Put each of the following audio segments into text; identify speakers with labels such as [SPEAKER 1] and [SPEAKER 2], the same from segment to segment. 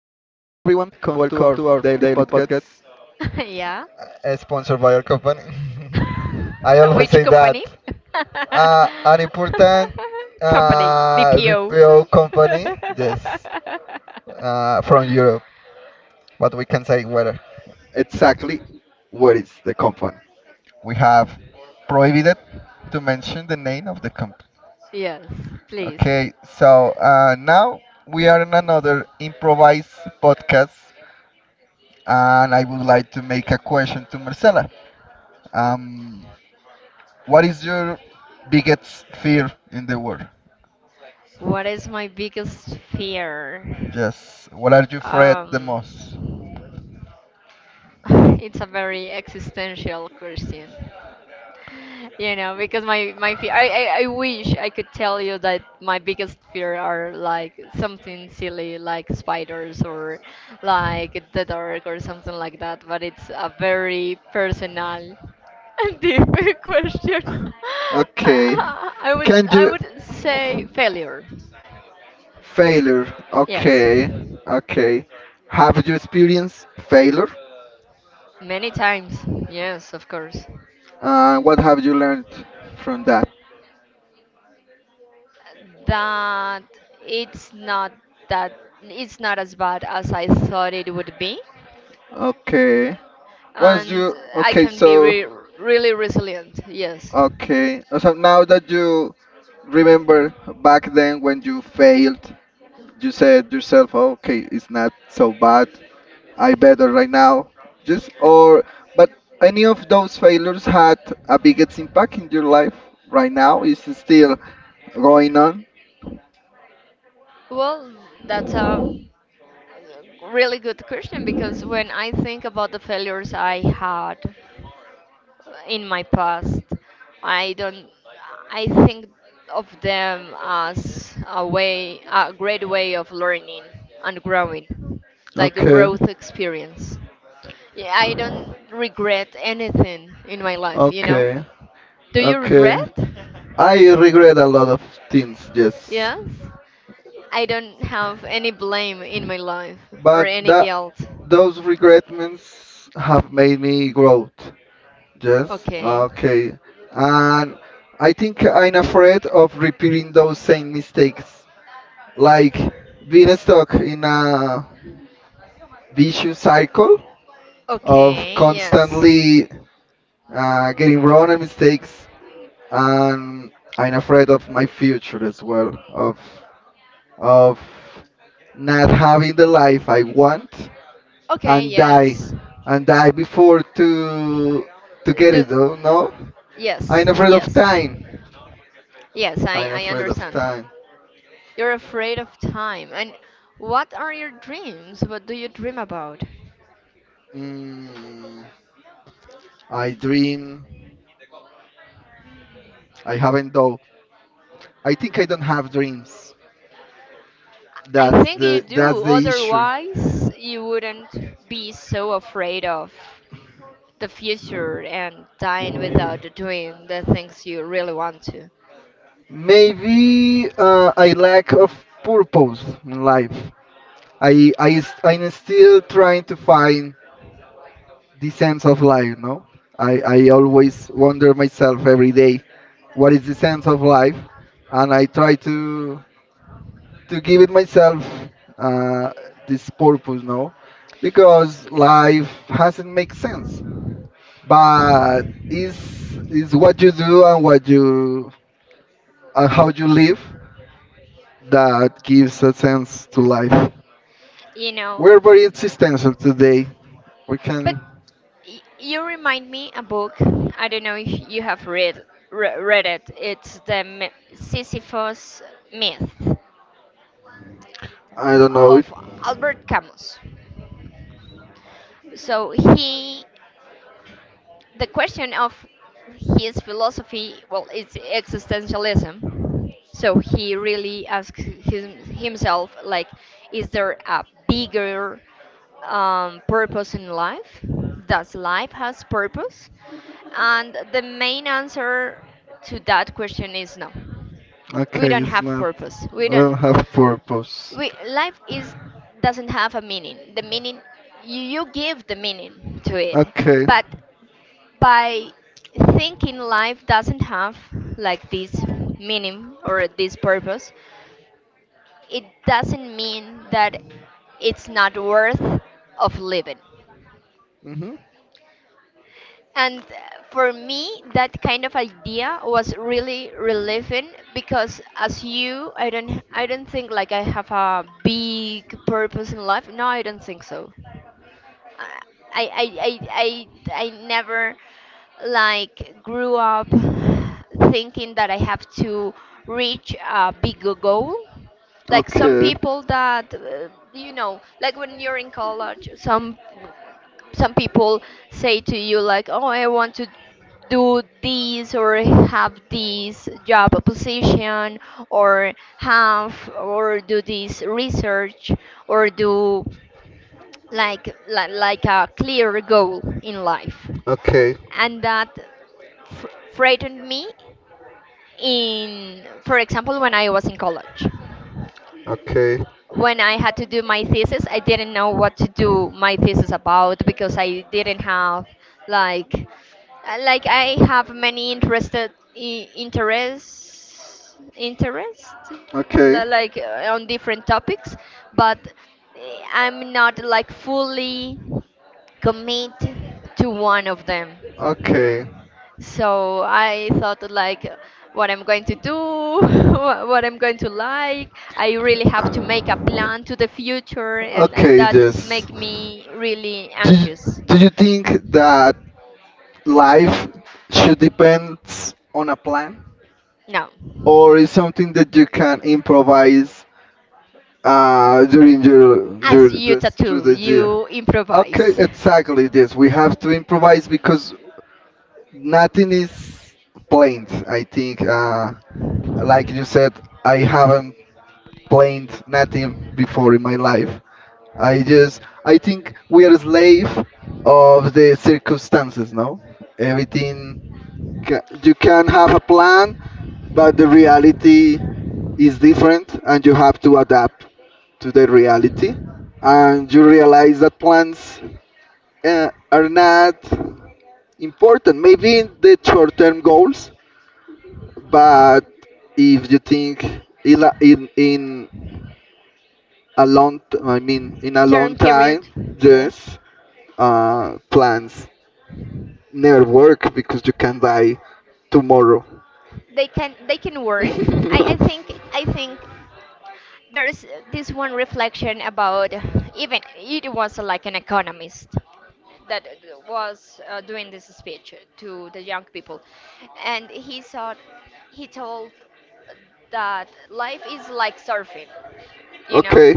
[SPEAKER 1] everyone. Welcome to our daily podcast,
[SPEAKER 2] Yeah.
[SPEAKER 1] sponsored by our company. I always
[SPEAKER 2] Which
[SPEAKER 1] say that.
[SPEAKER 2] company?
[SPEAKER 1] Uh, an important
[SPEAKER 2] Company
[SPEAKER 1] uh,
[SPEAKER 2] BPO.
[SPEAKER 1] BPO company, yes, from Europe. But we can say where exactly where is the company. We have prohibited to mention the name of the company.
[SPEAKER 2] Yes, please.
[SPEAKER 1] Okay, so now we are in another improvised podcast, and I would like to make a question to Marcela. Um, what is your biggest fear in the world?
[SPEAKER 2] What is my biggest fear?
[SPEAKER 1] Yes, what are you afraid the
[SPEAKER 2] Um.
[SPEAKER 1] most?
[SPEAKER 2] It's a very existential question. You know, because my fear, I wish I could tell you that my biggest fear are like something silly like spiders or like the dark or something like that, but it's a very personal and deep question.
[SPEAKER 1] Okay,
[SPEAKER 2] I would
[SPEAKER 1] can
[SPEAKER 2] I
[SPEAKER 1] you
[SPEAKER 2] would say failure.
[SPEAKER 1] failure?
[SPEAKER 2] Yes.
[SPEAKER 1] Okay, okay. Have you experienced failure?
[SPEAKER 2] Many times. Yes, of course.
[SPEAKER 1] What have you learned from that?
[SPEAKER 2] that it's not that it's not as bad as I thought it would be,
[SPEAKER 1] Okay. Once
[SPEAKER 2] and
[SPEAKER 1] you
[SPEAKER 2] I
[SPEAKER 1] okay,
[SPEAKER 2] can be
[SPEAKER 1] so
[SPEAKER 2] really resilient. Yes.
[SPEAKER 1] okay. So now that you remember back then when you failed, you said yourself, "Okay, it's not so bad. I better right now." Just or but any of those failures had a biggest impact in your life right now? Is it still going on?
[SPEAKER 2] Well, that's a really good question because when I think about the failures I had in my past, I don't. I think of them as a way, a great way of learning and growing, like a
[SPEAKER 1] Okay.
[SPEAKER 2] growth experience. Yeah, I don't regret anything in my life, you know?
[SPEAKER 1] Okay.
[SPEAKER 2] Do you
[SPEAKER 1] Okay.
[SPEAKER 2] regret?
[SPEAKER 1] I regret a lot of things, yes.
[SPEAKER 2] Yes. I don't have any blame in my life or
[SPEAKER 1] But
[SPEAKER 2] any
[SPEAKER 1] that
[SPEAKER 2] guilt.
[SPEAKER 1] those regretments have made me grow. Yes,
[SPEAKER 2] Okay.
[SPEAKER 1] okay. And I think I'm afraid of repeating those same mistakes, like being stuck in a vicious cycle of
[SPEAKER 2] Okay, yes.
[SPEAKER 1] constantly getting wrong and mistakes. And I'm afraid of my future as well, of not having the life I want
[SPEAKER 2] Okay,
[SPEAKER 1] and die
[SPEAKER 2] yes.
[SPEAKER 1] and die before to get
[SPEAKER 2] Do
[SPEAKER 1] it. Though no,
[SPEAKER 2] Yes,
[SPEAKER 1] I'm afraid of
[SPEAKER 2] yes.
[SPEAKER 1] time.
[SPEAKER 2] Yes, I,
[SPEAKER 1] I'm
[SPEAKER 2] I
[SPEAKER 1] afraid of
[SPEAKER 2] understand.
[SPEAKER 1] time.
[SPEAKER 2] You're afraid of time. And what are your dreams? What do you dream about?
[SPEAKER 1] Mm, I dream. I haven't though. I think I don't have dreams.
[SPEAKER 2] I
[SPEAKER 1] That's
[SPEAKER 2] think you
[SPEAKER 1] the that's
[SPEAKER 2] do,
[SPEAKER 1] the issue.
[SPEAKER 2] otherwise, you wouldn't be so afraid of the future and dying without doing the things you really want to.
[SPEAKER 1] Maybe I lack of purpose in life. I am still trying to find the sense of life. No, I always wonder myself every day, what is the sense of life, and I try to give it myself uh, this purpose, no? Because life hasn't make sense, but it's it's what you do and what you and how you live that gives a sense to life.
[SPEAKER 2] You know,
[SPEAKER 1] We're very existential today. We
[SPEAKER 2] but
[SPEAKER 1] can,
[SPEAKER 2] you remind me a book. I don't know if you have read read it. It's the Sisyphus myth
[SPEAKER 1] I don't know it.
[SPEAKER 2] of Albert Camus. So he The question of his philosophy, well, it's existentialism. So he really asks himself, like, is there a bigger purpose in life? Does life has purpose? And the main answer to that question is no. We
[SPEAKER 1] Okay,
[SPEAKER 2] don't
[SPEAKER 1] it's
[SPEAKER 2] have
[SPEAKER 1] not.
[SPEAKER 2] purpose.
[SPEAKER 1] We
[SPEAKER 2] We don't.
[SPEAKER 1] don't have purpose.
[SPEAKER 2] We life is doesn't have a meaning. The meaning you give the meaning to it,
[SPEAKER 1] Okay,
[SPEAKER 2] but by thinking life doesn't have like this meaning or this purpose, it doesn't mean that it's not worth of living, and for me that kind of idea was really relieving because as you, I don't think like I have a big purpose in life, no, I don't think so. I I I never like grew up thinking that I have to reach a big goal. Like some
[SPEAKER 1] okay,
[SPEAKER 2] people that you know, like when you're in college, some people say to you like, "Oh, I want to do this or have this job position or have or do this research or do like a clear goal in life,"
[SPEAKER 1] okay,
[SPEAKER 2] and that frightened me. In For example, when I was in college,
[SPEAKER 1] okay,
[SPEAKER 2] when I had to do my thesis, I didn't know what to do my thesis about because I didn't have like like I have many interested I- interests interest
[SPEAKER 1] okay,
[SPEAKER 2] like on different topics, but I'm not like fully commit to one of them.
[SPEAKER 1] okay,
[SPEAKER 2] So I thought like what I'm going to do, what I'm going to like. I really have to make a plan to the future, and
[SPEAKER 1] okay.
[SPEAKER 2] that
[SPEAKER 1] Yes.
[SPEAKER 2] make me really
[SPEAKER 1] Do you,
[SPEAKER 2] anxious.
[SPEAKER 1] do you think that life should depend on a plan,
[SPEAKER 2] No,
[SPEAKER 1] or is something that you can improvise during
[SPEAKER 2] as
[SPEAKER 1] your
[SPEAKER 2] you
[SPEAKER 1] just through
[SPEAKER 2] tattoo,
[SPEAKER 1] the year?
[SPEAKER 2] you
[SPEAKER 1] Okay,
[SPEAKER 2] improvise.
[SPEAKER 1] exactly this. We have to improvise because nothing is planned. I think, like you said, I haven't planned nothing before in my life. I just, I think we are a slave of the circumstances, no? Everything you can have a plan, but the reality is different, and you have to adapt to the reality. And you realize that plans are not important. Maybe in the short-term goals, but if you think in a long, I mean, in a long
[SPEAKER 2] Term period,
[SPEAKER 1] time,
[SPEAKER 2] yes.
[SPEAKER 1] yes, plans never work because you can die tomorrow.
[SPEAKER 2] They can work. I, I think I think there's this one reflection about, even it was like an economist that was doing this speech to the young people, and he told that life is like surfing, you know,
[SPEAKER 1] Okay.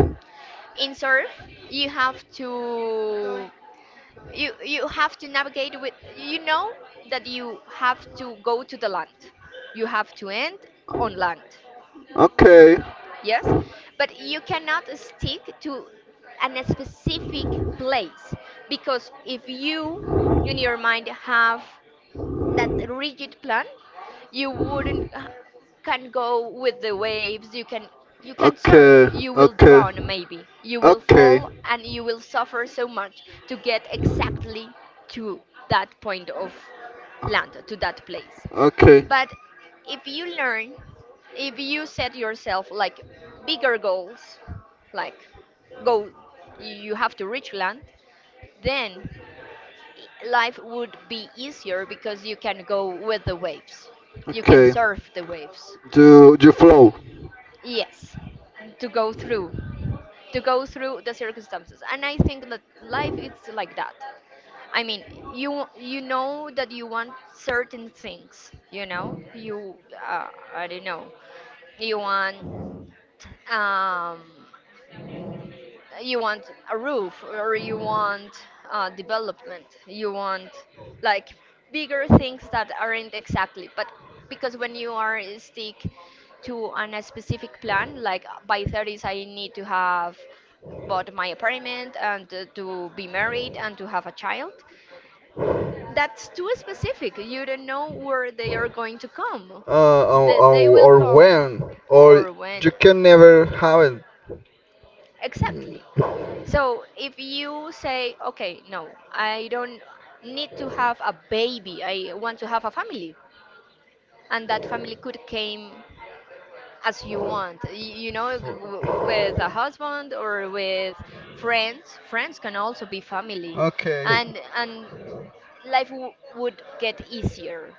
[SPEAKER 2] in surf you have to, you have to navigate with, you know, that you have to go to the land, you have to end on land,
[SPEAKER 1] Okay.
[SPEAKER 2] yes, but you cannot stick to an specific place, because if you in your mind have that rigid plan, you wouldn't can go with the waves, you can surf,
[SPEAKER 1] Okay.
[SPEAKER 2] you will
[SPEAKER 1] Okay.
[SPEAKER 2] drown, maybe you will
[SPEAKER 1] Okay.
[SPEAKER 2] fall and you will suffer so much to get exactly to that point of land, to that place.
[SPEAKER 1] Okay.
[SPEAKER 2] But if you learn, if you set yourself like bigger goals, like go, you have to reach land, then life would be easier because you can go with the waves. You can
[SPEAKER 1] Okay.
[SPEAKER 2] surf the waves.
[SPEAKER 1] Do you flow?
[SPEAKER 2] Yes, to go through, to go through the circumstances. And I think that life is like that. I mean, you know that you want certain things. You know, you uh, I don't know, you want um, you want a roof or you want development, you want like bigger things that aren't exactly, but because when you are stick to a specific plan like by 30s I need to have bought my apartment and to be married and to have a child, that's too specific, you don't know where they are going to come,
[SPEAKER 1] Uh, or, or,
[SPEAKER 2] they will
[SPEAKER 1] or
[SPEAKER 2] come,
[SPEAKER 1] when? Or
[SPEAKER 2] or when.
[SPEAKER 1] you can never have
[SPEAKER 2] Exactly. So if you say, okay, no, I don't need to have a baby, I want to have a family, and that family could came as you want. You know,
[SPEAKER 1] it.
[SPEAKER 2] with a husband or with friends. Friends can also be family,
[SPEAKER 1] Okay.
[SPEAKER 2] and life would get easier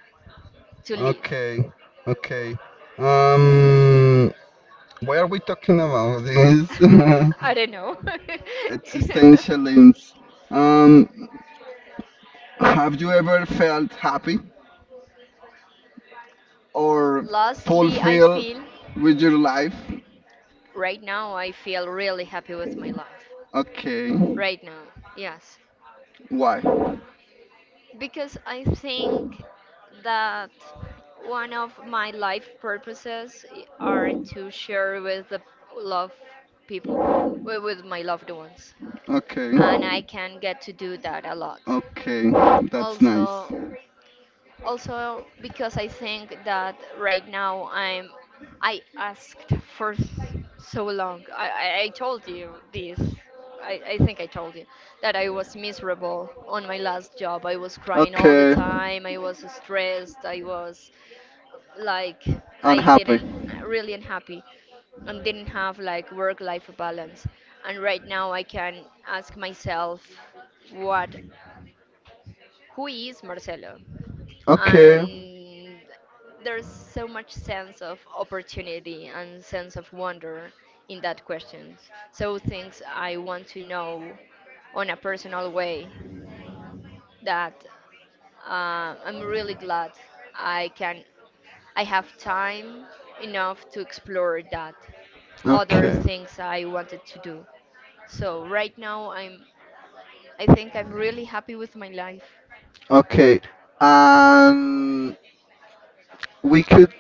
[SPEAKER 2] to live.
[SPEAKER 1] Okay. Okay. Um, why are we talking about this?
[SPEAKER 2] I don't know.
[SPEAKER 1] Existential links. Um, have you ever felt happy or
[SPEAKER 2] Lastly, I
[SPEAKER 1] fulfilled
[SPEAKER 2] feel
[SPEAKER 1] with your life?
[SPEAKER 2] Right now, I feel really happy with my life.
[SPEAKER 1] Okay.
[SPEAKER 2] Right now, yes.
[SPEAKER 1] Why?
[SPEAKER 2] Because I think that one of my life are to share with the love people, with my loved ones.
[SPEAKER 1] Okay.
[SPEAKER 2] And I can get to do that a lot.
[SPEAKER 1] Okay. That's nice.
[SPEAKER 2] Also, also because I think that right now I asked for so long. I told you this. I think I told you that I was miserable on my last job. I was crying all the
[SPEAKER 1] Okay.
[SPEAKER 2] time. I was stressed. I was like I
[SPEAKER 1] Unhappy.
[SPEAKER 2] didn't really unhappy and didn't have like work life balance. And right now I can ask myself, what, who is Marcelo?
[SPEAKER 1] Okay.
[SPEAKER 2] And there's so much sense of opportunity and sense of wonder in that question. So things I want to know on a personal way, that I'm really glad I can I have time enough to explore that, other
[SPEAKER 1] Okay.
[SPEAKER 2] things I wanted to do. So right now I think I'm really happy with my life.
[SPEAKER 1] Okay. And we could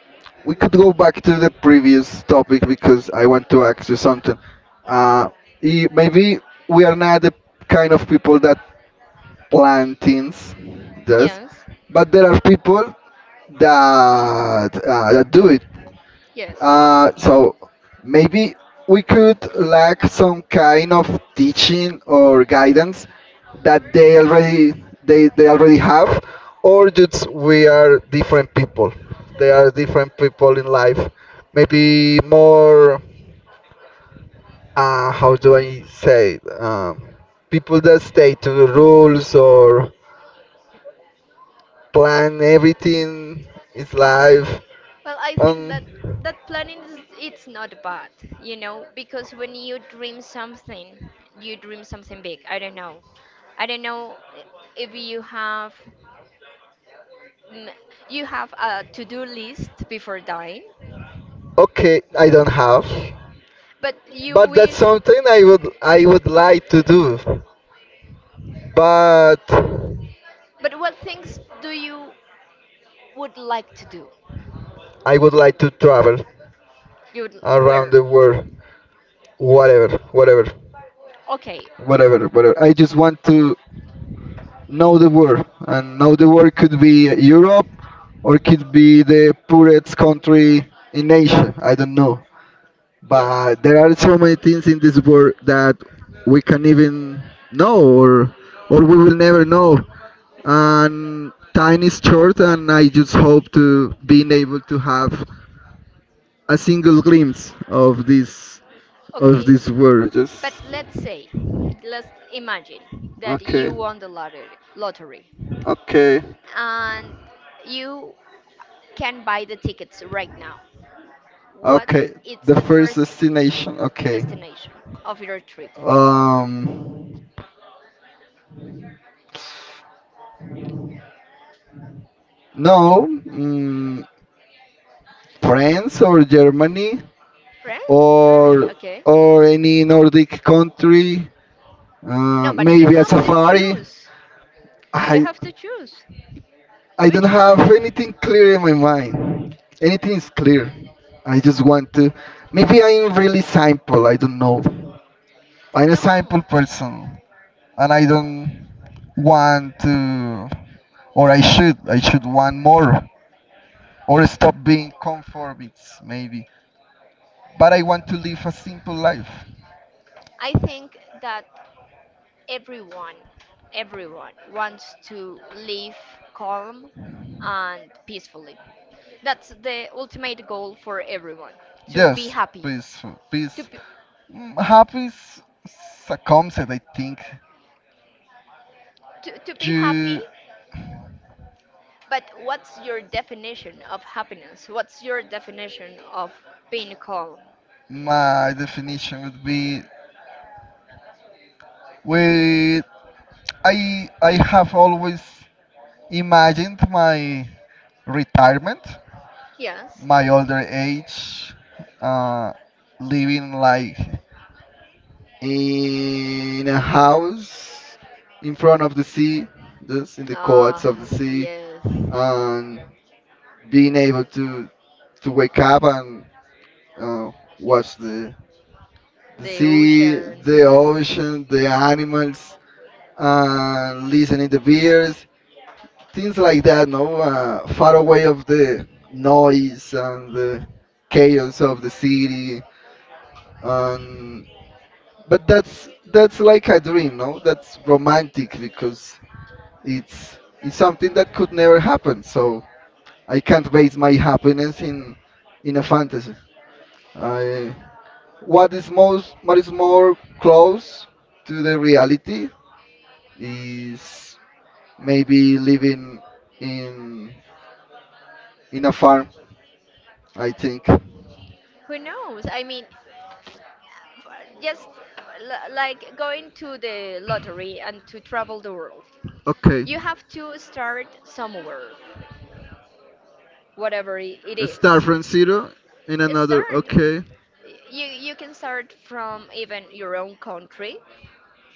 [SPEAKER 1] we could go back to the previous topic because I want to ask you something. Uh, I- maybe we are not the kind of people that plan things, yes,
[SPEAKER 2] Yes.
[SPEAKER 1] but there are people that that do it.
[SPEAKER 2] Yes.
[SPEAKER 1] So maybe we could lack some kind of teaching or guidance that they already they already have, or just we are different people. They are different people in life. Maybe more. How do I say? It? People that stay to the rules or plan everything is life.
[SPEAKER 2] Well, I think
[SPEAKER 1] Um,
[SPEAKER 2] that planning is it's not bad, you know, because when you dream something big. I don't know. I don't know i- if you have, mm, you have a to-do list before dying,
[SPEAKER 1] okay, I don't have.
[SPEAKER 2] but you
[SPEAKER 1] But that's
[SPEAKER 2] wish,
[SPEAKER 1] something I would like to do. But
[SPEAKER 2] but what things do you would like to do?
[SPEAKER 1] I would like to travel
[SPEAKER 2] You would
[SPEAKER 1] around
[SPEAKER 2] where?
[SPEAKER 1] the world, whatever, whatever,
[SPEAKER 2] Okay.
[SPEAKER 1] whatever, whatever. I just want to know the world, and know the world could be Europe, or could be the poorest country in Asia. I don't know,
[SPEAKER 2] Yes.
[SPEAKER 1] but there are so many things in this world that we can even know, or we will never know. And time is short and I just hope to being able to have a single glimpse of
[SPEAKER 2] Okay.
[SPEAKER 1] this world just
[SPEAKER 2] But let's say, let's imagine that
[SPEAKER 1] okay
[SPEAKER 2] you won the lottery
[SPEAKER 1] okay
[SPEAKER 2] and you can buy the tickets right now. What?
[SPEAKER 1] okay
[SPEAKER 2] It's
[SPEAKER 1] the
[SPEAKER 2] the
[SPEAKER 1] first
[SPEAKER 2] first
[SPEAKER 1] destination okay
[SPEAKER 2] destination of your trip?
[SPEAKER 1] um no mm, france or Germany
[SPEAKER 2] France, Germany,
[SPEAKER 1] or
[SPEAKER 2] okay.
[SPEAKER 1] or any Nordic country
[SPEAKER 2] No, but you
[SPEAKER 1] maybe a
[SPEAKER 2] have to
[SPEAKER 1] safari
[SPEAKER 2] choose. You
[SPEAKER 1] i
[SPEAKER 2] have to choose.
[SPEAKER 1] I don't
[SPEAKER 2] Which one?
[SPEAKER 1] have anything clear in my mind. Anything is clear. I just want to. Maybe I'm really simple. I don't know. I'm a simple
[SPEAKER 2] No,
[SPEAKER 1] person, and I don't want to, or I should. I should want more, or stop being conformist, maybe. But I want to live a simple life.
[SPEAKER 2] I think that everyone, everyone wants to live calm and peacefully. That's the ultimate goal for everyone to be
[SPEAKER 1] Yes,
[SPEAKER 2] happy.
[SPEAKER 1] peaceful,
[SPEAKER 2] To
[SPEAKER 1] peace.
[SPEAKER 2] be,
[SPEAKER 1] Happy is a concept, I think.
[SPEAKER 2] to be happy.
[SPEAKER 1] You,
[SPEAKER 2] But what's your definition of happiness? What's your definition of being calm?
[SPEAKER 1] my definition would be with I have always imagined my retirement,
[SPEAKER 2] Yes.
[SPEAKER 1] my older age, uh, living like in a house in front of the sea, just in the
[SPEAKER 2] Ah,
[SPEAKER 1] courts of the sea,
[SPEAKER 2] yes.
[SPEAKER 1] and being able to wake up and uh, watch the
[SPEAKER 2] The
[SPEAKER 1] sea,
[SPEAKER 2] ocean,
[SPEAKER 1] the
[SPEAKER 2] yes.
[SPEAKER 1] ocean, the animals, and listening the birds, things like that, no, far away of the noise and the chaos of the city, and but that's like a dream, no? That's romantic because it's it's something that could never happen. So I can't base my happiness in a fantasy. I what is most what is more close to the reality is maybe living in in a farm. I think.
[SPEAKER 2] Who knows? I mean, f- just like going to the lottery and to travel the world. You
[SPEAKER 1] Okay.
[SPEAKER 2] have to start somewhere, whatever it
[SPEAKER 1] Start
[SPEAKER 2] is.
[SPEAKER 1] from zero in another.
[SPEAKER 2] Start.
[SPEAKER 1] Okay.
[SPEAKER 2] You can start from even your own country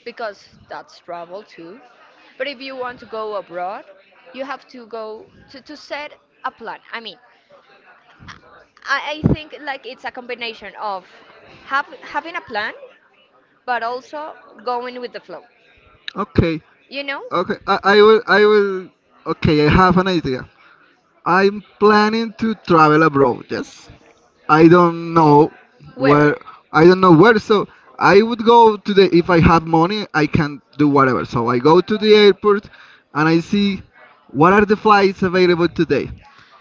[SPEAKER 2] because that's travel too. But if you want to go abroad, you have to to set a plan. I mean, I think like it's a combination of have having a plan, but also going with the flow.
[SPEAKER 1] Okay.
[SPEAKER 2] You know,
[SPEAKER 1] Okay. I will. I will. Okay. I have an idea. I'm planning to travel abroad. Yes. I don't know
[SPEAKER 2] where
[SPEAKER 1] where. I don't know where. So I would go to the. If I have money, I can do whatever. So I go to the airport, and I see what are the flights available today.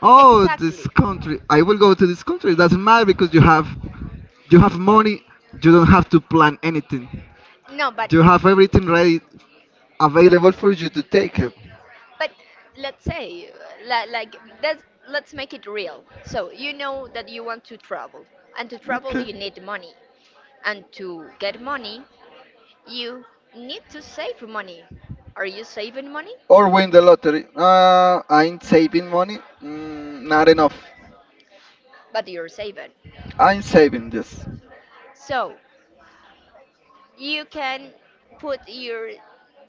[SPEAKER 1] Oh, this
[SPEAKER 2] exactly?
[SPEAKER 1] country. I will go to this country. It doesn't matter because you have money. You don't have to plan anything.
[SPEAKER 2] No, but
[SPEAKER 1] You have everything ready available for you to take it.
[SPEAKER 2] but let's say like that's let's make it real. So you know that you want to travel, and to travel
[SPEAKER 1] Okay.
[SPEAKER 2] you need money, and to get money you need to save money. Are you saving money?
[SPEAKER 1] Or win the lottery. I'm saving money. Not enough.
[SPEAKER 2] But you're saving.
[SPEAKER 1] I'm saving this.
[SPEAKER 2] So you can put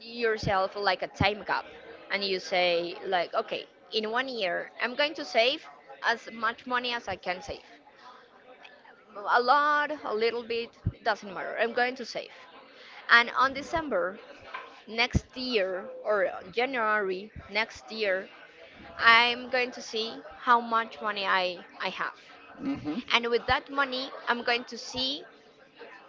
[SPEAKER 2] yourself like a time cap and you say like, okay, in 1 year I'm going to save as much money as I can save. A lot, a little bit, doesn't matter. I'm going to save. And on December next year or January next year, I'm going to see how much money I have,
[SPEAKER 1] Mhm.
[SPEAKER 2] and with that money I'm going to see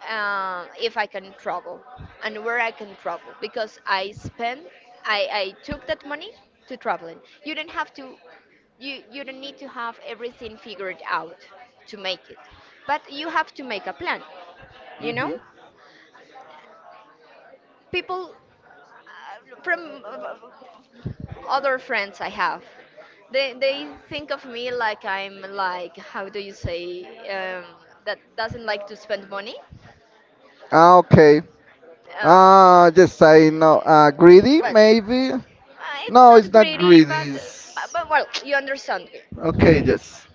[SPEAKER 2] if I can travel and where I can travel because I took that money to traveling. You don't need to have everything figured out to make it, but you have to make a plan, you know.
[SPEAKER 1] Mhm.
[SPEAKER 2] People from other friends I have, they think of me like I'm like, how do you say, um, that doesn't like to spend money.
[SPEAKER 1] Ah, okay. Ah,
[SPEAKER 2] Um,
[SPEAKER 1] yes, I know. Greedy,
[SPEAKER 2] but
[SPEAKER 1] maybe.
[SPEAKER 2] it's
[SPEAKER 1] No,
[SPEAKER 2] not
[SPEAKER 1] it's not
[SPEAKER 2] greedy, but,
[SPEAKER 1] greedy. It's...
[SPEAKER 2] but well, you understand me.
[SPEAKER 1] Okay, yes.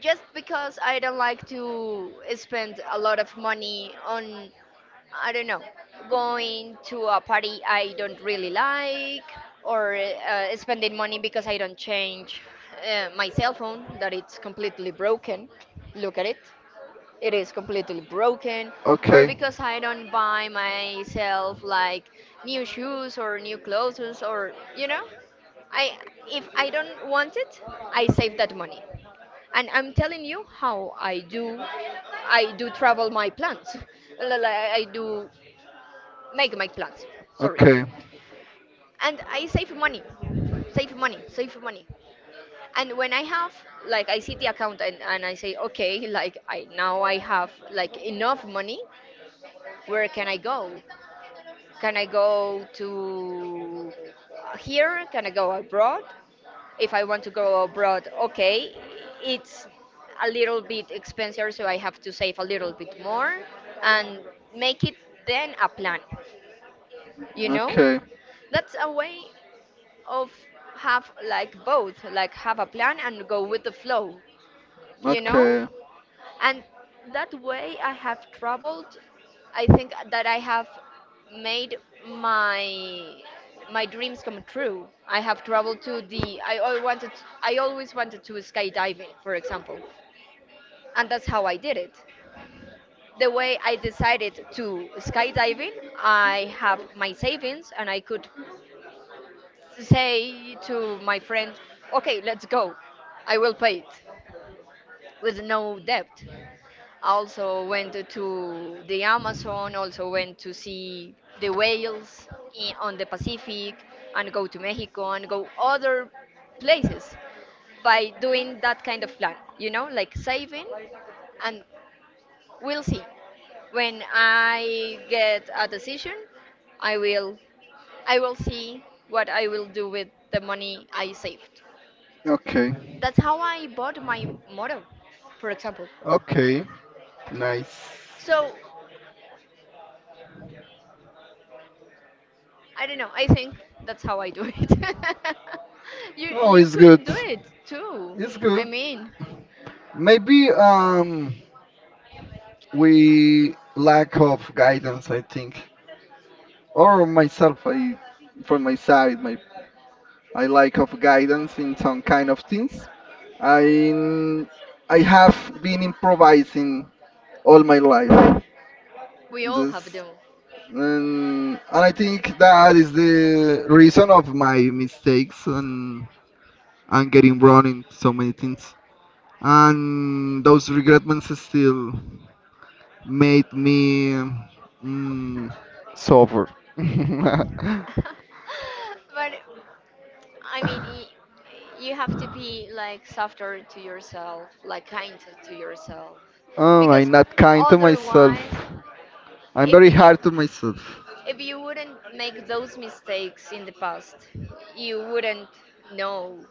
[SPEAKER 2] Just because I don't like to spend a lot of money on, I don't know, going to a party I don't really like, or spending money because I don't change my cell phone that it's completely broken. Look at it, it is completely broken. Or
[SPEAKER 1] Okay.
[SPEAKER 2] because I don't buy myself, like, new shoes or new clothes, or you know I if I don't want it, I save that money. And I'm telling you how I do. I do travel my plans Like, I do make my plans. Sorry.
[SPEAKER 1] Okay.
[SPEAKER 2] And I save money, save money, save money. And when I have, like, I see the account and, I say, okay, like, I have like enough money. Where can I go? Can I go to here? Can I go abroad? If I want to go abroad, okay, it's a little bit expensive, so I have to save a little bit more and make it then a plan. You know,
[SPEAKER 1] Okay.
[SPEAKER 2] that's a way of have like both, like have a plan and go with the flow. You know,
[SPEAKER 1] Okay.
[SPEAKER 2] and that way I have traveled. I think that I have made my my dreams come true. I have traveled to the I always wanted to skydiving, for example. And that's how I did it. The way I decided to skydiving, I have my savings and I could say to my friend, okay, let's go, I will pay it, with no debt. Also went to the Amazon, also went to see the whales in, on the Pacific, and go to Mexico and go other places by doing that kind of plan, you know, like saving, and we'll see. When I get a decision, I will I will see what I will do with the money I saved.
[SPEAKER 1] Okay.
[SPEAKER 2] That's how I bought my motor, for example.
[SPEAKER 1] Okay. Nice.
[SPEAKER 2] So I don't know. I think that's how I do it. you
[SPEAKER 1] No,
[SPEAKER 2] you
[SPEAKER 1] it's good.
[SPEAKER 2] could do it too.
[SPEAKER 1] It's
[SPEAKER 2] I
[SPEAKER 1] good.
[SPEAKER 2] mean,
[SPEAKER 1] Maybe we lack of guidance, I think, or myself. I, from my side, my I lack of guidance in some kind of things. I I have been improvising all my life.
[SPEAKER 2] we all have
[SPEAKER 1] Just
[SPEAKER 2] them.
[SPEAKER 1] and I think that is the reason of my mistakes and getting wrong in so many things. And those regretments still. Made me mm, suffer.
[SPEAKER 2] but I mean, y- you have to be like softer to yourself, like kind to yourself,
[SPEAKER 1] Oh,
[SPEAKER 2] because
[SPEAKER 1] I'm not kind to myself.
[SPEAKER 2] otherwise,
[SPEAKER 1] I'm
[SPEAKER 2] if
[SPEAKER 1] very
[SPEAKER 2] you
[SPEAKER 1] hard to myself.
[SPEAKER 2] if you wouldn't make those mistakes in the past, you wouldn't know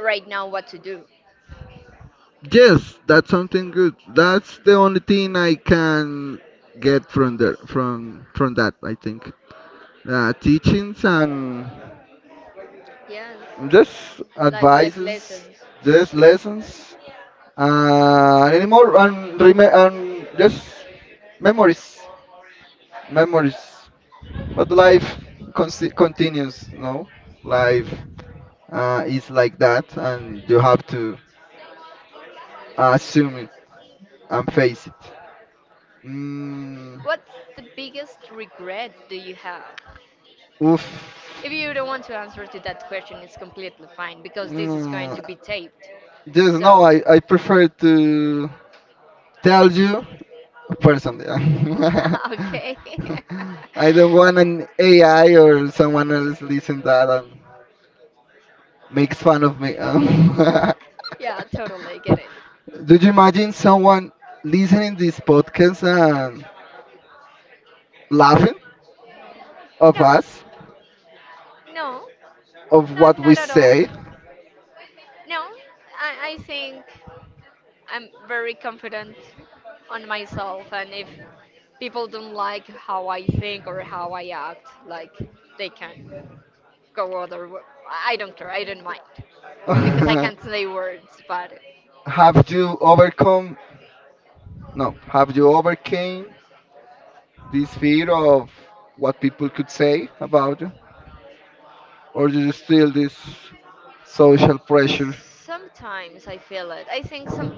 [SPEAKER 2] right now what to do.
[SPEAKER 1] Yes, that's something good. That's the only thing I can get from there from that. I think teachings and
[SPEAKER 2] Yes,
[SPEAKER 1] just
[SPEAKER 2] like life
[SPEAKER 1] advices,
[SPEAKER 2] lessons.
[SPEAKER 1] just lessons, and anymore and, and just memories, memories. But life consi continues, no? Life is like that, and you have to assume it and face it. Mm,
[SPEAKER 2] What's the biggest regret do you have?
[SPEAKER 1] Oof.
[SPEAKER 2] If you don't want to answer to that question, it's completely fine because this is going
[SPEAKER 1] Mm,
[SPEAKER 2] to be taped.
[SPEAKER 1] just no,
[SPEAKER 2] So,
[SPEAKER 1] I prefer to tell you personally.
[SPEAKER 2] okay.
[SPEAKER 1] I don't want an AI or someone else listen that and makes fun of me.
[SPEAKER 2] yeah, totally get it.
[SPEAKER 1] Do you imagine someone listening this podcast and laughing of
[SPEAKER 2] No,
[SPEAKER 1] us,
[SPEAKER 2] no,
[SPEAKER 1] of what
[SPEAKER 2] no,
[SPEAKER 1] we
[SPEAKER 2] not at all.
[SPEAKER 1] say?
[SPEAKER 2] No, I think I'm very confident on myself, and if people don't like how I think or how I act, like, they can go other. I don't care. I don't mind because I
[SPEAKER 1] Have
[SPEAKER 2] can't say words. But
[SPEAKER 1] you overcome? No, have you overcame this fear of what people could say about you, or do you still this social pressure?
[SPEAKER 2] sometimes I feel it. I think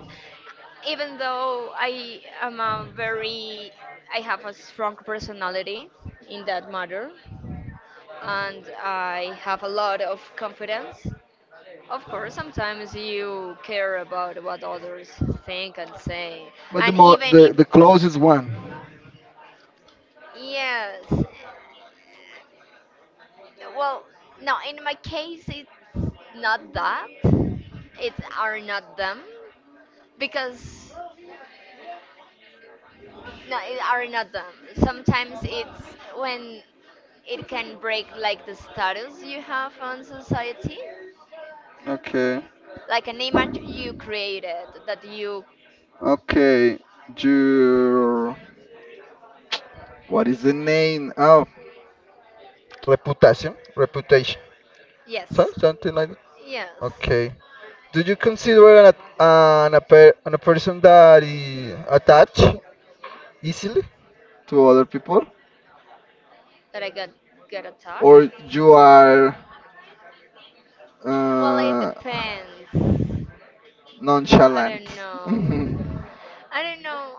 [SPEAKER 2] even though I am a very, I have a strong personality in that matter, and I have a lot of confidence. Of course, sometimes you care about what others think and say,
[SPEAKER 1] But the
[SPEAKER 2] and
[SPEAKER 1] more
[SPEAKER 2] even if.
[SPEAKER 1] the closest one.
[SPEAKER 2] Yes, well, no, in my case, it's not that. It are not them, because, no, it are not them. Sometimes it's when it can break like the status you have on society,
[SPEAKER 1] Okay,
[SPEAKER 2] like an image you created that you,
[SPEAKER 1] okay. Your what is the name? Oh, reputation, reputation. So,
[SPEAKER 2] yes,
[SPEAKER 1] something like
[SPEAKER 2] yes,
[SPEAKER 1] okay. Do you consider an, at- an, a, per, an a person that is attached easily to other people,
[SPEAKER 2] that I got
[SPEAKER 1] or
[SPEAKER 2] attached.
[SPEAKER 1] you are
[SPEAKER 2] Well, it
[SPEAKER 1] uh,
[SPEAKER 2] depends. I
[SPEAKER 1] nonchalant?
[SPEAKER 2] don't know. I don't know.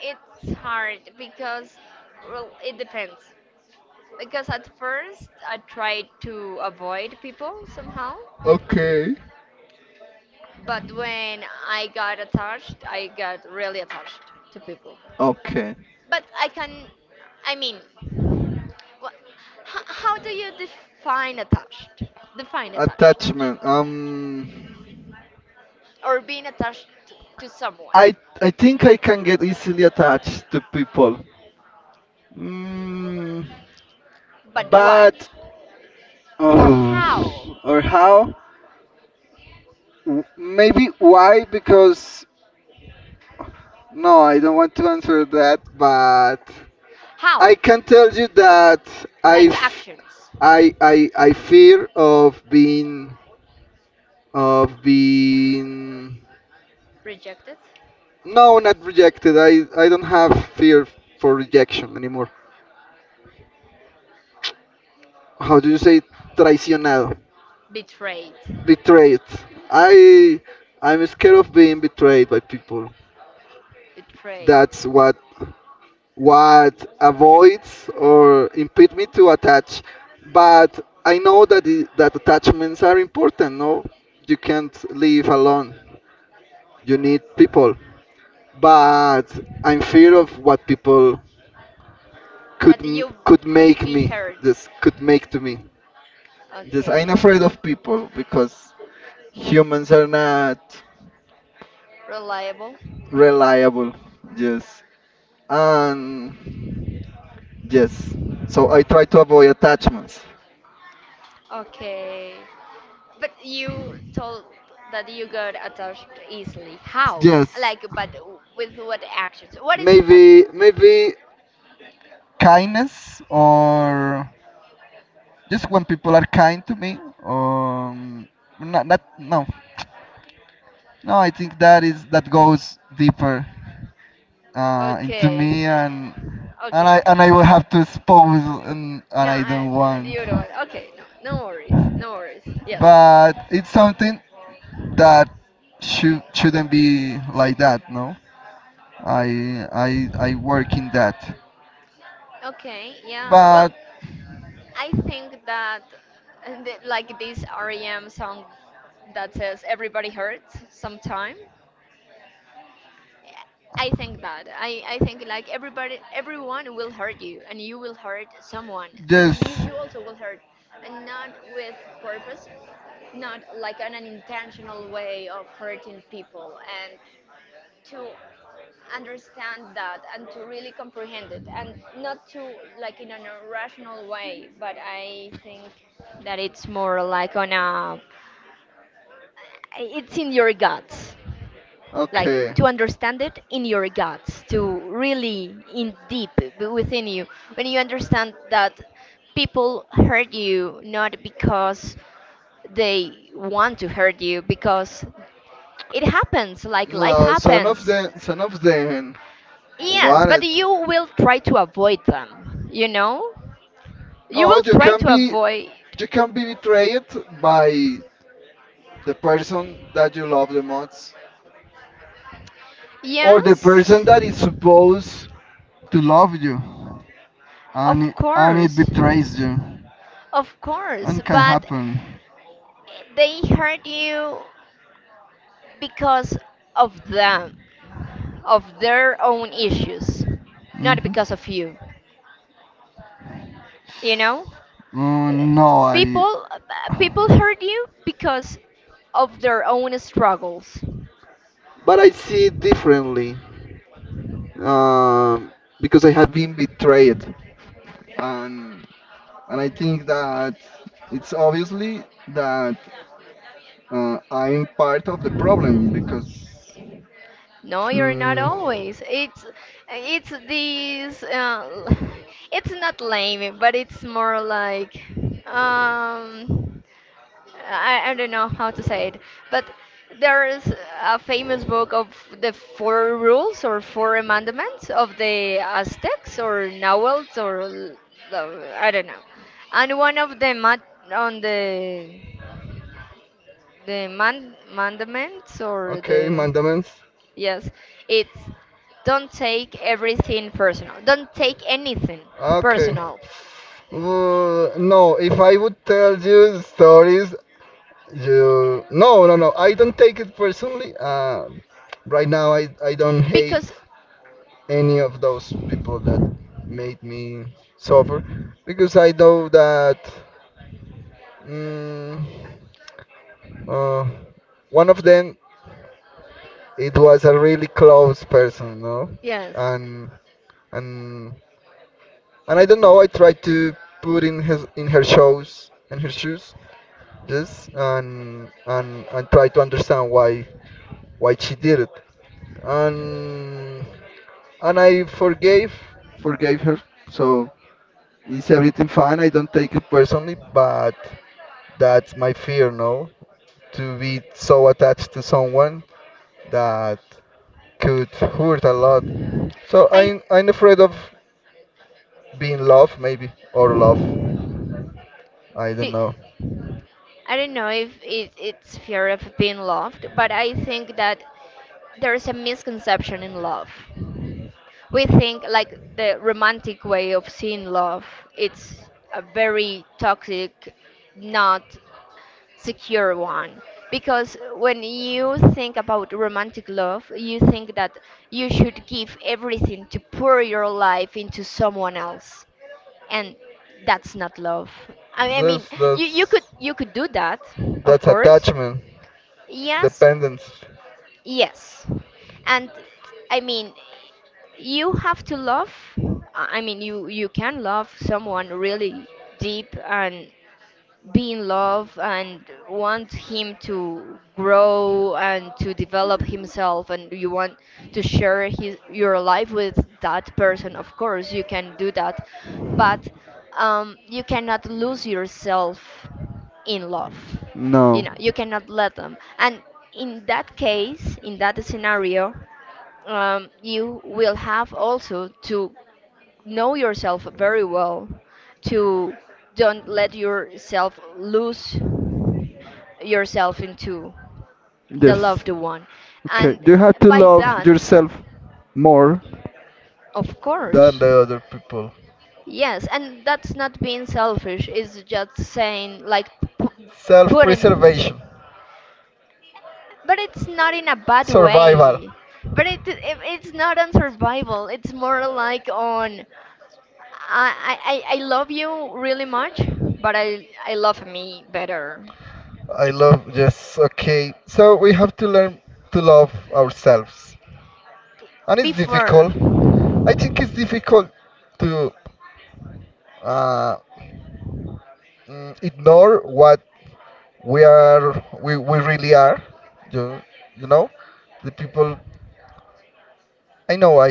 [SPEAKER 2] It's hard because, well, it depends. Because at first I tried to avoid people somehow,
[SPEAKER 1] Okay.
[SPEAKER 2] but when I got attached, I got really attached to people.
[SPEAKER 1] Okay.
[SPEAKER 2] But I can, I mean, how do you define attached? Define attached.
[SPEAKER 1] Attachment.
[SPEAKER 2] Or being attached to someone.
[SPEAKER 1] I I think I can get easily attached to people. Mm,
[SPEAKER 2] But why?
[SPEAKER 1] but
[SPEAKER 2] Or how?
[SPEAKER 1] oh, or how? Maybe why? Because no, I don't want to answer that, but
[SPEAKER 2] How?
[SPEAKER 1] I can tell you that I,
[SPEAKER 2] Like
[SPEAKER 1] f-
[SPEAKER 2] actions.
[SPEAKER 1] I fear of being of being
[SPEAKER 2] Rejected?
[SPEAKER 1] no, not rejected. I don't have fear for rejection anymore. How do you say traicionado?
[SPEAKER 2] Betrayed.
[SPEAKER 1] Betrayed. I I'm scared of being betrayed by people.
[SPEAKER 2] Betrayed.
[SPEAKER 1] That's what. What avoids or impede me to attach. But I know that I that attachments are important. No, you can't live alone. You need people. But I'm fear of what people
[SPEAKER 2] That you
[SPEAKER 1] could
[SPEAKER 2] could
[SPEAKER 1] make
[SPEAKER 2] be
[SPEAKER 1] me.
[SPEAKER 2] hurt.
[SPEAKER 1] This could make to me. This I'm
[SPEAKER 2] Okay.
[SPEAKER 1] afraid of people because humans are not
[SPEAKER 2] Reliable.
[SPEAKER 1] reliable. Yes, and yes. So I try to avoid attachments.
[SPEAKER 2] Okay. But you told that you got attached easily. How?
[SPEAKER 1] Yes,
[SPEAKER 2] Like, but with what actions? What is that?
[SPEAKER 1] maybe maybe kindness or just when people are kind to me. Um, not, not no no. I think that is that goes deeper into
[SPEAKER 2] Okay.
[SPEAKER 1] me and
[SPEAKER 2] Okay.
[SPEAKER 1] and I will have to expose and
[SPEAKER 2] No,
[SPEAKER 1] I
[SPEAKER 2] I,
[SPEAKER 1] don't
[SPEAKER 2] no, the
[SPEAKER 1] want.
[SPEAKER 2] other one. Okay, no, no worries, no worries. Yes.
[SPEAKER 1] But it's something that should shouldn't be like that. No, I work in that.
[SPEAKER 2] Okay, yeah. Well,
[SPEAKER 1] But
[SPEAKER 2] I think that like this REM song that says everybody hurts sometime. I think that I think like everybody everyone will hurt you and you will hurt someone. You
[SPEAKER 1] just
[SPEAKER 2] you also will hurt, and not with purpose, not like on an intentional way of hurting people, and to understand that and to really comprehend it and not to, like, in an irrational way. But I think that it's more like on a, it's in your guts, like
[SPEAKER 1] okay.
[SPEAKER 2] to understand it in your guts, to really in deep within you, when you understand that people hurt you not because they want to hurt you, because it happens, like life
[SPEAKER 1] No,
[SPEAKER 2] happens.
[SPEAKER 1] some of them
[SPEAKER 2] Yes,
[SPEAKER 1] want
[SPEAKER 2] but
[SPEAKER 1] it.
[SPEAKER 2] you will try to avoid them, you know? You
[SPEAKER 1] No,
[SPEAKER 2] will try to avoid.
[SPEAKER 1] you can be betrayed by the person that you love the most, or the
[SPEAKER 2] Yes,
[SPEAKER 1] person that is supposed to love you,
[SPEAKER 2] of
[SPEAKER 1] and it
[SPEAKER 2] course.
[SPEAKER 1] betrays you,
[SPEAKER 2] Of course,
[SPEAKER 1] and can
[SPEAKER 2] but
[SPEAKER 1] happen.
[SPEAKER 2] they hurt you because of them, of their own issues, not
[SPEAKER 1] Hmm.
[SPEAKER 2] because of you, you know? Uh,
[SPEAKER 1] No, I,
[SPEAKER 2] People people hurt you because of their own struggles.
[SPEAKER 1] But I see it differently, um, because I have been betrayed, and and I think that it's obviously that I'm part of the problem because.
[SPEAKER 2] No, you're not
[SPEAKER 1] Mm,
[SPEAKER 2] always. It's these. It's not lame, but it's more like, um, I don't know how to say it, but there's a famous book of the four rules or four amendments of the Aztecs or Nahuels or I don't know, and one of the mat on the man mandaments or
[SPEAKER 1] okay,
[SPEAKER 2] the.
[SPEAKER 1] mandaments.
[SPEAKER 2] Yes, it's, don't take everything personal. Don't take anything
[SPEAKER 1] Okay.
[SPEAKER 2] personal.
[SPEAKER 1] No, if I would tell you stories, you no, no, no. I don't take it personally. Right now, I don't hate
[SPEAKER 2] Because,
[SPEAKER 1] any of those people that made me suffer because I know that mm, uh, one of them it was a really close person, no?
[SPEAKER 2] yes,
[SPEAKER 1] And and and I don't know. I tried to put in his in her shoes, just and try to understand why she did it. And and I forgave forgave her. So is everything fine? I don't take it personally, but that's my fear, no? To be so attached to someone that could hurt a lot. So
[SPEAKER 2] I,
[SPEAKER 1] I'm afraid of being love maybe or love I don't
[SPEAKER 2] be,
[SPEAKER 1] know
[SPEAKER 2] I don't know if it's fear of being loved, but I think that there's a misconception in love. We think like the romantic way of seeing love, it's a very toxic, not secure one, because when you think about romantic love you think that you should give everything to pour your life into someone else, and that's not love. I mean,
[SPEAKER 1] that's that's
[SPEAKER 2] you could do that, of
[SPEAKER 1] that's
[SPEAKER 2] course.
[SPEAKER 1] attachment
[SPEAKER 2] Yes.
[SPEAKER 1] dependence
[SPEAKER 2] Yes, and I mean you have to love. I mean, you can love someone really deep and be in love and want him to grow and to develop himself, and you want to share his your life with that person, of course you can do that. But, you cannot lose yourself in love, you
[SPEAKER 1] no
[SPEAKER 2] know. You cannot let them, and in that case, in that scenario, you will have also to know yourself very well, to don't let yourself lose yourself into the
[SPEAKER 1] yes
[SPEAKER 2] loved one.
[SPEAKER 1] okay
[SPEAKER 2] And
[SPEAKER 1] you have to
[SPEAKER 2] by
[SPEAKER 1] love
[SPEAKER 2] that,
[SPEAKER 1] yourself more
[SPEAKER 2] of
[SPEAKER 1] than
[SPEAKER 2] course.
[SPEAKER 1] the other people
[SPEAKER 2] Yes, and that's not being selfish, it's just saying like, p- putting,
[SPEAKER 1] self-preservation
[SPEAKER 2] but it's not in a bad
[SPEAKER 1] survival
[SPEAKER 2] way. But it it's not on survival, it's more like on, I love you really much, but I love me better.
[SPEAKER 1] I love yes okay so we have to learn to love ourselves and it's
[SPEAKER 2] Before,
[SPEAKER 1] difficult I think it's difficult to uh, ignore what we are we really are you, you know the people I know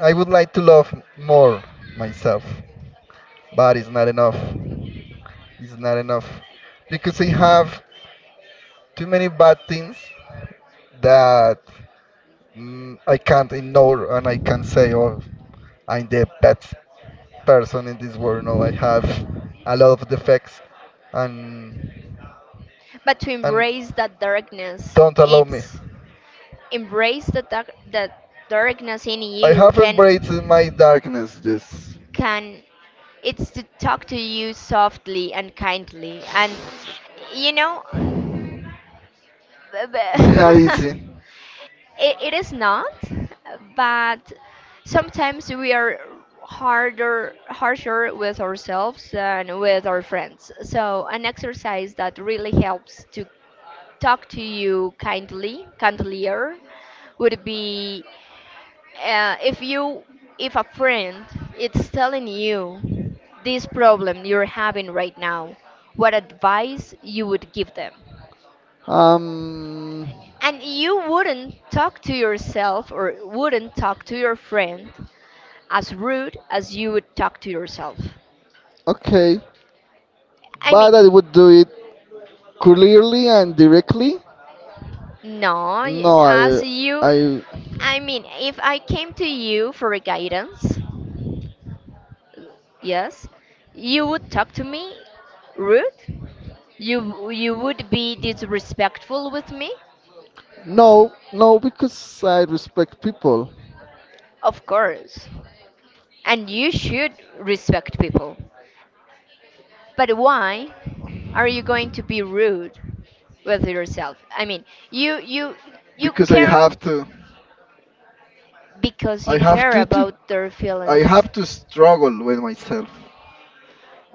[SPEAKER 1] I would like to love more myself but it's not enough because I have too many bad things that I can't ignore and I can say oh I'm the best person in this world no I have a lot of defects and
[SPEAKER 2] but to
[SPEAKER 1] and
[SPEAKER 2] embrace that darkness,
[SPEAKER 1] don't allow me
[SPEAKER 2] it's, embrace the dark, that darkness in
[SPEAKER 1] I
[SPEAKER 2] you
[SPEAKER 1] have embraced my
[SPEAKER 2] can
[SPEAKER 1] darkness just
[SPEAKER 2] can it's to talk to you softly and kindly and you know. b-
[SPEAKER 1] It's not
[SPEAKER 2] b-
[SPEAKER 1] easy.
[SPEAKER 2] it is not, but sometimes we are harder, harsher with ourselves than with our friends. So an exercise that really helps to talk to you kindly, kindlier, would be, if you, if a friend is telling you this problem you're having right now, what advice you would give them?
[SPEAKER 1] Um,
[SPEAKER 2] And you wouldn't talk to yourself or wouldn't talk to your friend as rude as you would talk to yourself.
[SPEAKER 1] okay,
[SPEAKER 2] I
[SPEAKER 1] but
[SPEAKER 2] mean,
[SPEAKER 1] I would do it clearly and directly.
[SPEAKER 2] no,
[SPEAKER 1] No,
[SPEAKER 2] as
[SPEAKER 1] I,
[SPEAKER 2] you,
[SPEAKER 1] I,
[SPEAKER 2] I mean, if I came to you for a guidance, yes, you would talk to me rude. You would be disrespectful with me,
[SPEAKER 1] no, no, because I respect people.
[SPEAKER 2] of course. And you should respect people. But why are you going to be rude with yourself? I mean, you you
[SPEAKER 1] Because I
[SPEAKER 2] care
[SPEAKER 1] have to,
[SPEAKER 2] because
[SPEAKER 1] I
[SPEAKER 2] you
[SPEAKER 1] have
[SPEAKER 2] care
[SPEAKER 1] to, to,
[SPEAKER 2] about their
[SPEAKER 1] I
[SPEAKER 2] feelings.
[SPEAKER 1] have to struggle with myself.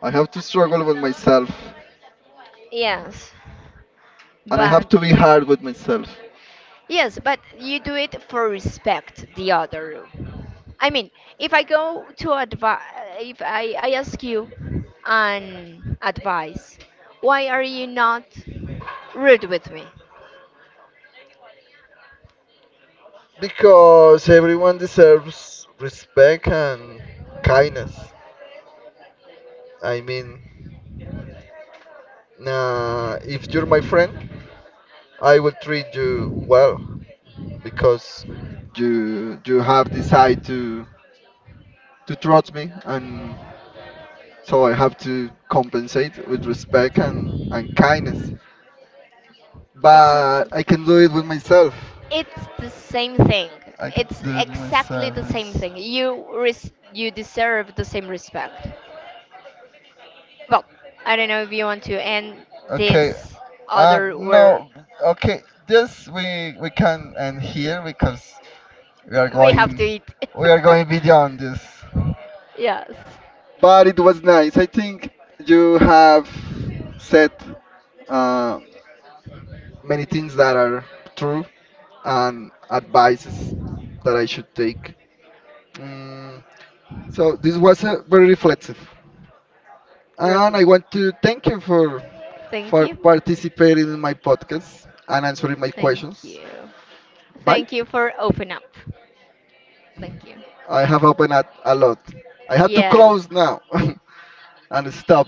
[SPEAKER 1] I have to struggle with myself,
[SPEAKER 2] Yes.
[SPEAKER 1] and I have
[SPEAKER 2] But
[SPEAKER 1] to be hard with myself.
[SPEAKER 2] yes, but you do it for respect the other room. I mean, if I go to advise, if I, I ask you an advice, why are you not rude with me?
[SPEAKER 1] Because everyone deserves respect and kindness. I mean, nah, if you're my friend. I will treat you well because you have decided to trust me, and so I have to compensate with respect and kindness. But
[SPEAKER 2] Exactly.
[SPEAKER 1] I can do it with myself.
[SPEAKER 2] It's the same thing.
[SPEAKER 1] I can
[SPEAKER 2] It's
[SPEAKER 1] do it
[SPEAKER 2] exactly
[SPEAKER 1] myself.
[SPEAKER 2] the same
[SPEAKER 1] It's-
[SPEAKER 2] thing. You you deserve the same respect. Well, I don't know if you want to end
[SPEAKER 1] Okay.
[SPEAKER 2] this other word.
[SPEAKER 1] No. Okay. Yes, we can end here because we are
[SPEAKER 2] We have to
[SPEAKER 1] going
[SPEAKER 2] eat.
[SPEAKER 1] we are going beyond this.
[SPEAKER 2] yes.
[SPEAKER 1] But it was nice. I think you have said uh, many things that are true and advices that I should take. Mm, so this was very reflective, and
[SPEAKER 2] Roughly.
[SPEAKER 1] I want to thank you
[SPEAKER 2] Thank
[SPEAKER 1] for
[SPEAKER 2] you.
[SPEAKER 1] participating in my podcast and answering my
[SPEAKER 2] Thank
[SPEAKER 1] questions.
[SPEAKER 2] you.
[SPEAKER 1] Bye.
[SPEAKER 2] Thank you for open up. Thank you.
[SPEAKER 1] I have opened up a lot. I have to
[SPEAKER 2] Yes.
[SPEAKER 1] close now and stop.